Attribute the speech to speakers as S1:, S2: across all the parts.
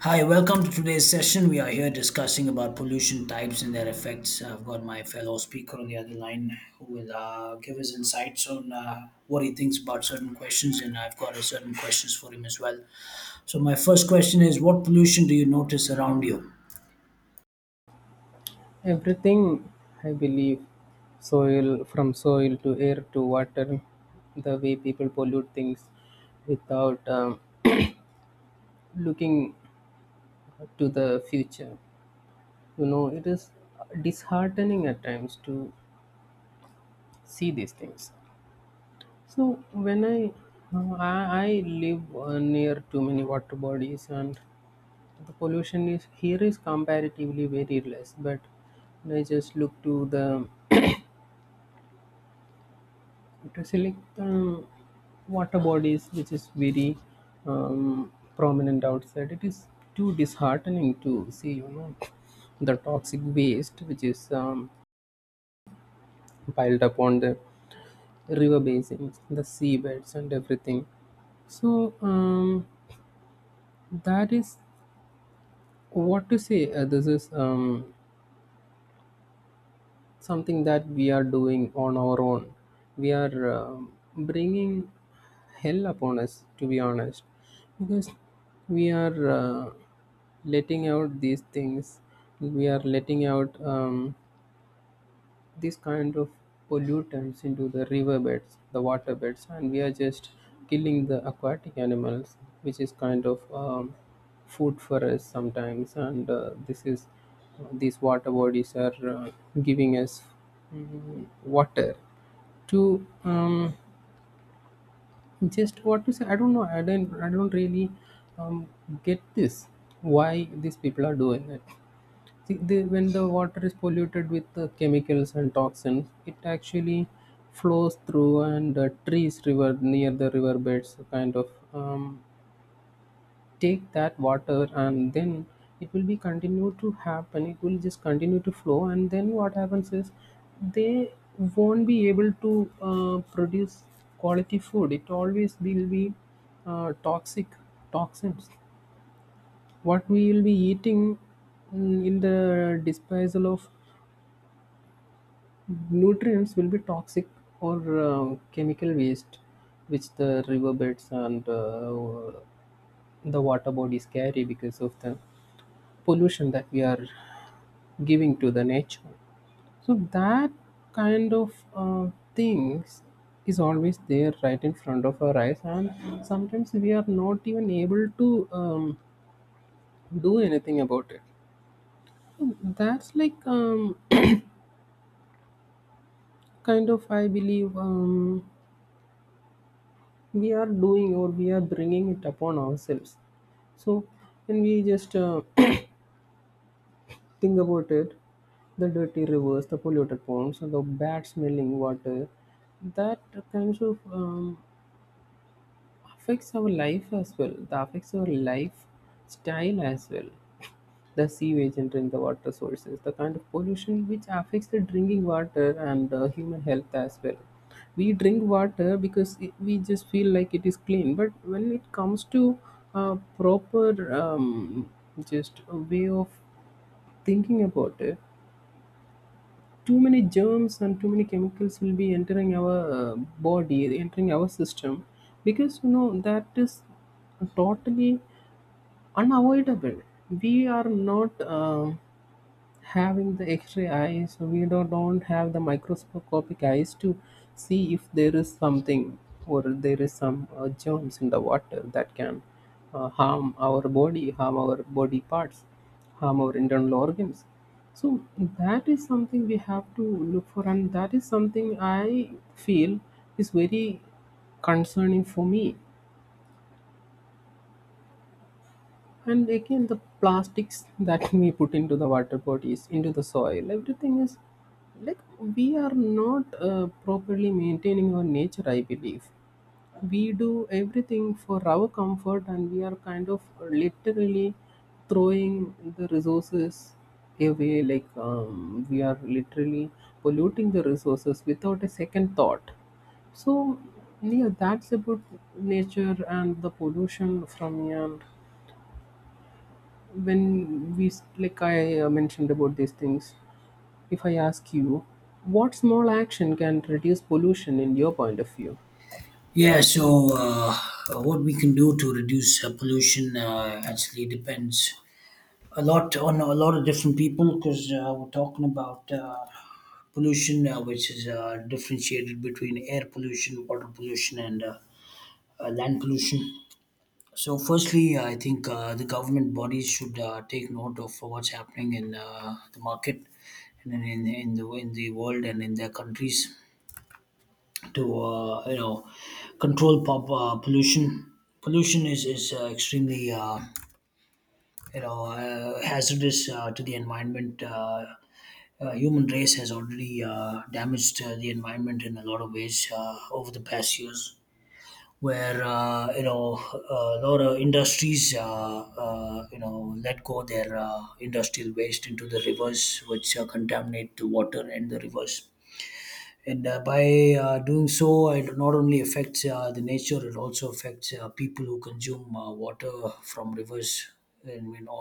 S1: Hi, welcome to today's session. We are here discussing about pollution types and their effects. I've got my fellow speaker on the other line who will give his insights on what he thinks about certain questions, and I've got a certain questions for him as well. So my first question is, what pollution do you notice around you?
S2: Everything, I believe, soil from soil to air to water, the way people pollute things without looking to the future. You know, it is disheartening at times to see these things. So when I live near too many water bodies and the pollution is here is comparatively very less, but when I just look to the to select water bodies which is very prominent outside it is too disheartening to see you know the toxic waste which is piled up on the river basins the seabeds and everything so that is what to say this is something that we are doing on our own. We are bringing hell upon us, to be honest, because we are letting out these things. We are letting out these kind of pollutants into the river beds, the water beds, and we are just killing the aquatic animals, which is kind of food for us sometimes. And this is these water bodies are giving us water to just what to say. I don't know. I don't really um, get this. Why these people are doing it? When the water is polluted with chemicals and toxins, it actually flows through and trees river near the river beds kind of um, take that water and then it will be continue to happen. It will just continue to flow and then what happens is they won't be able to produce quality food. It always will be toxic toxins. What we will be eating in the disposal of nutrients will be toxic or chemical waste, which the riverbeds and the water bodies carry because of the pollution that we are giving to the nature. So that kind of things is always there right in front of our eyes, and sometimes we are not even able to do anything about it. So that's like kind of I believe we are doing or we are bringing it upon ourselves. So when we just think about it, the dirty rivers, the polluted ponds, and the bad smelling water, that kind of affects our life as well. That affects our life style as well. The sewage entering the water sources the kind of pollution which affects the drinking water and human health as well. We drink water because it, we just feel like it is clean, but when it comes to proper just a way of thinking about it, too many germs and too many chemicals will be entering our body, entering our system, because you know that is totally unavoidable. We are not having the x-ray eyes so we don't have the microscopic eyes to see if there is something or there is some germs in the water that can harm our body parts harm our internal organs so that is something we have to look for and that is something I feel is very concerning for me. And again, the plastics that we put into the water bodies, into the soil, everything is like we are not properly maintaining our nature, I believe. We do everything for our comfort and we are kind of literally throwing the resources away, like we are literally polluting the resources without a second thought. So, yeah, that's about nature and the pollution from here when we like I mentioned about these things, if I ask you, what small action can reduce pollution in your point of view?
S1: Yeah, so what we can do to reduce pollution actually depends a lot on a lot of different people because we're talking about pollution, which is differentiated between air pollution, water pollution, and land pollution. So, firstly, I think the government bodies should take note of what's happening in the market and in the world and in their countries to you know control pollution. Pollution is extremely you know hazardous to the environment. Human race has already damaged the environment in a lot of ways over the past years. Where you know a lot of industries, you know, let go their industrial waste into the rivers, which contaminate the water and the rivers and by doing so it not only affects the nature it also affects people who consume water from rivers and you know,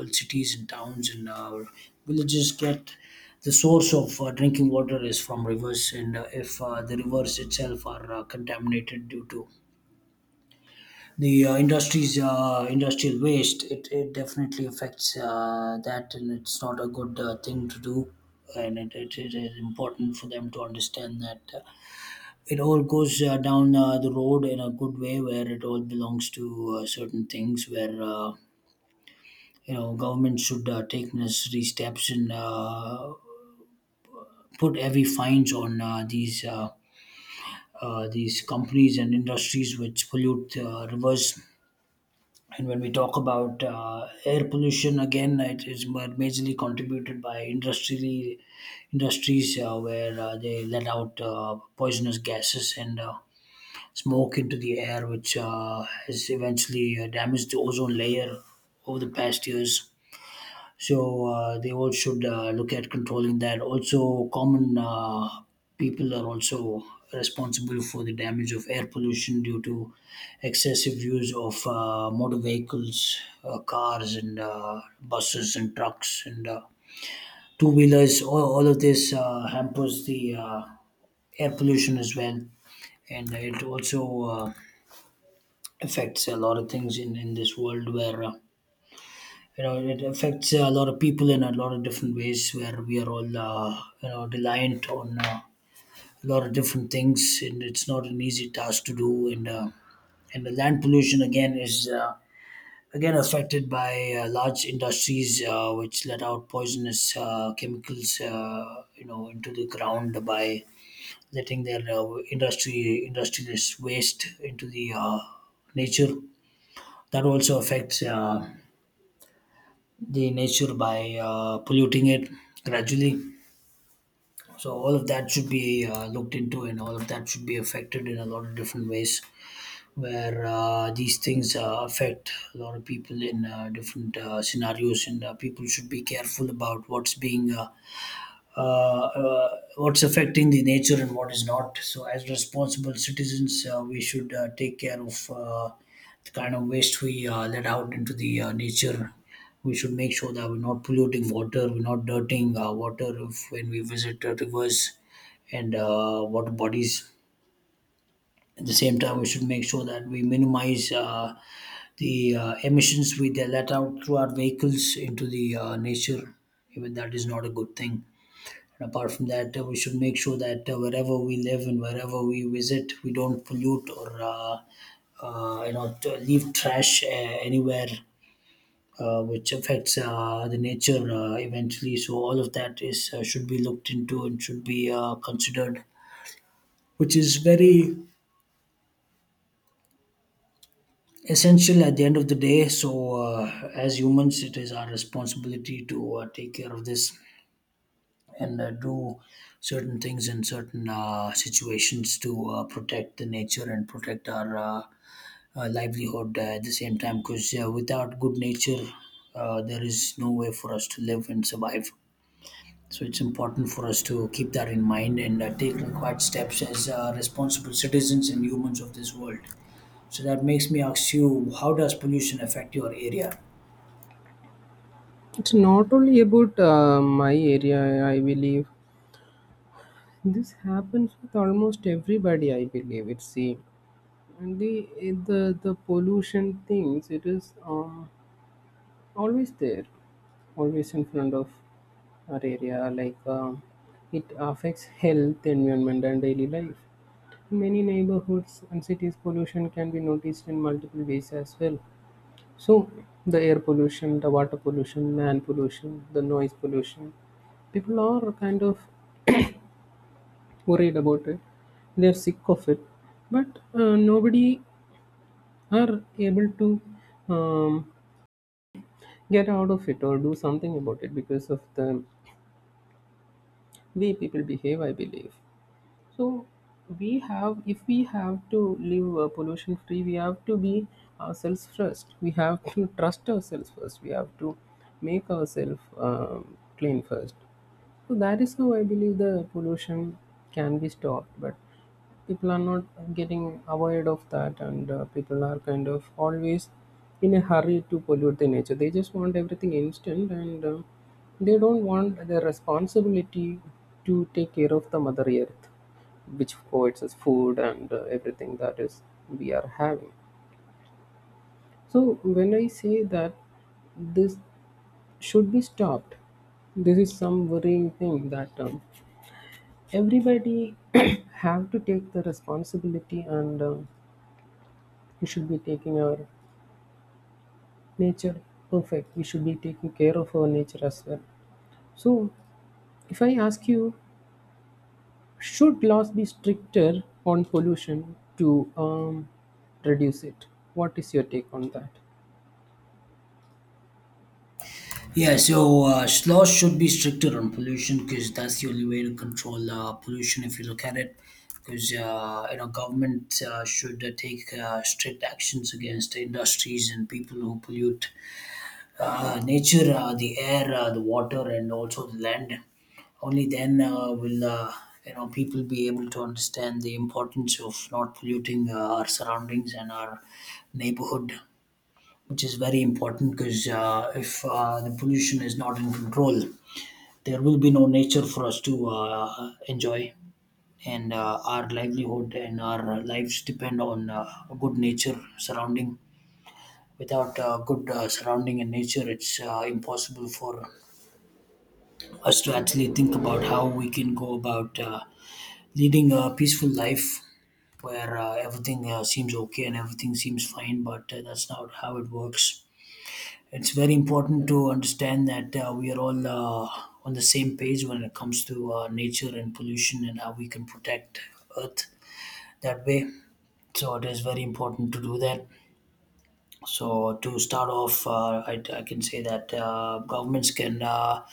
S1: all cities and towns and villages get the source of drinking water is from rivers and if the rivers itself are contaminated due to the industries industrial waste it definitely affects that, and it's not a good thing to do and it is important for them to understand that it all goes down the road in a good way where it all belongs to certain things where you know government should take necessary steps and put heavy fines on these companies and industries which pollute rivers. And when we talk about air pollution, again it is majorly contributed by industrially industries where they let out poisonous gases and smoke into the air, which has eventually damaged the ozone layer over the past years. So they all should look at controlling that. Also, common people are also responsible for the damage of air pollution due to excessive use of motor vehicles, cars, and buses and trucks and two wheelers. All of this hampers the air pollution as well, and it also affects a lot of things in this world where you know it affects a lot of people in a lot of different ways where we are all you know reliant on a lot of different things, and it's not an easy task to do. And and the land pollution again is again affected by large industries which let out poisonous chemicals you know into the ground by letting their industry industrialist waste into the nature. That also affects the nature by polluting it gradually. So all of that should be looked into, and all of that should be affected in a lot of different ways, where these things affect a lot of people in different scenarios, and people should be careful about what's being uh, what's affecting the nature and what is not. So, as responsible citizens, we should take care of the kind of waste we let out into the nature. We should make sure that we're not polluting water, we're not dirtying water if, when we visit rivers and water bodies. At the same time, we should make sure that we minimize the emissions we let out through our vehicles into the nature. Even that is not a good thing. And apart from that, we should make sure that wherever we live and wherever we visit, we don't pollute or you know leave trash anywhere, which affects the nature eventually. So all of that is should be looked into and should be considered, which is very essential at the end of the day. So as humans, it is our responsibility to take care of this, and do certain things in certain situations to protect the nature and protect our livelihood at the same time, because without good nature there is no way for us to live and survive, so it's important for us to keep that in mind and take required steps as responsible citizens and humans of this world. So that makes me ask you, how does pollution affect your area?
S2: It's not only about my area, I believe. This happens with almost everybody, I believe it's same. And the eh, the pollution things, it is always there, always in front of our area, like it affects health, environment and daily life. In many neighborhoods and cities, pollution can be noticed in multiple ways as well. So, the air pollution, the water pollution, land pollution, the noise pollution. People are kind of worried about it. They're sick of it, but nobody are able to um, get out of it or do something about it because of the way people behave. I believe. So we have, if we have to live pollution free, we have to be ourselves first. We have to trust ourselves first. We have to make ourselves clean first. So that is how I believe the pollution can be stopped. But people are not getting aware of that, and people are kind of always in a hurry to pollute the nature. They just want everything instant, and they don't want the responsibility to take care of the mother earth, which provides us food and everything that is we are having. So when I say that this should be stopped, this is some worrying thing that everybody have to take the responsibility and we should be taking our nature perfect, we should be taking care of our nature as well. So if I ask you, should laws be stricter on pollution to reduce it, what is your take on that?
S1: Yeah, so laws should be stricter on pollution because that's the only way to control pollution if you look at it. Because you know, government should take strict actions against industries and people who pollute nature, the air, the water, and also the land. Only then will you know people be able to understand the importance of not polluting our surroundings and our neighborhood, which is very important because if the pollution is not in control, there will be no nature for us to enjoy, and our livelihood and our lives depend on a good nature surrounding. Without good surrounding and nature, it's impossible for us to actually think about how we can go about leading a peaceful life where everything seems okay and everything seems fine, but that's not how it works. It's very important to understand that we are all on the same page when it comes to nature and pollution and how we can protect Earth that way. So it is very important to do that. So to start off, I can say that governments can uh,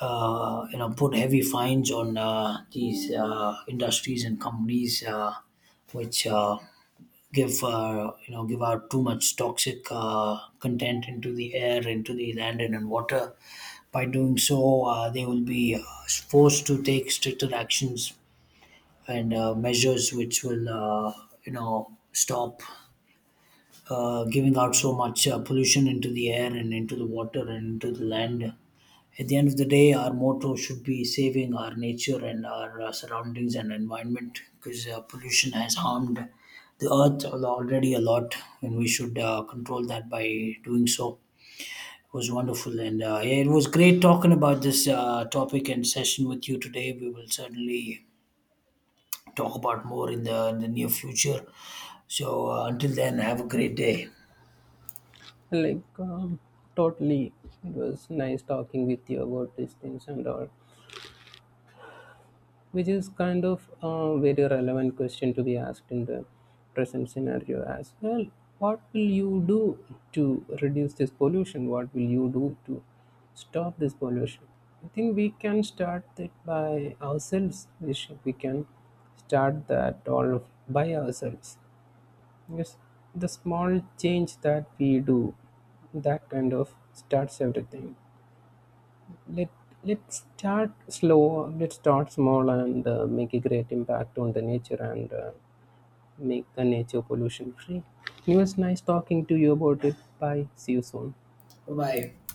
S1: uh, you know put heavy fines on these industries and companies which give you know give out too much toxic content into the air, into the land, and in water. By doing so, they will be forced to take stricter actions and measures which will you know stop giving out so much pollution into the air and into the water and into the land. At the end of the day, our motto should be saving our nature and our surroundings and environment, because pollution has harmed the earth already a lot, and we should control that by doing so. It was wonderful, and yeah, it was great talking about this topic and session with you today. We will certainly talk about more in in the near future. So until then, have a great day.
S2: Like, totally. It was nice talking with you about these things and all, which is kind of a very relevant question to be asked in the present scenario as well. What will you do to reduce this pollution? What will you do to stop this pollution? I think we can start it by ourselves. We should, we can start that all by ourselves. Yes, the small change that we do, that kind of starts everything. Let let's start slow. Let's start small and make a great impact on the nature and make the nature pollution free. It was nice talking to you about it. Bye. See you soon.
S1: Bye bye.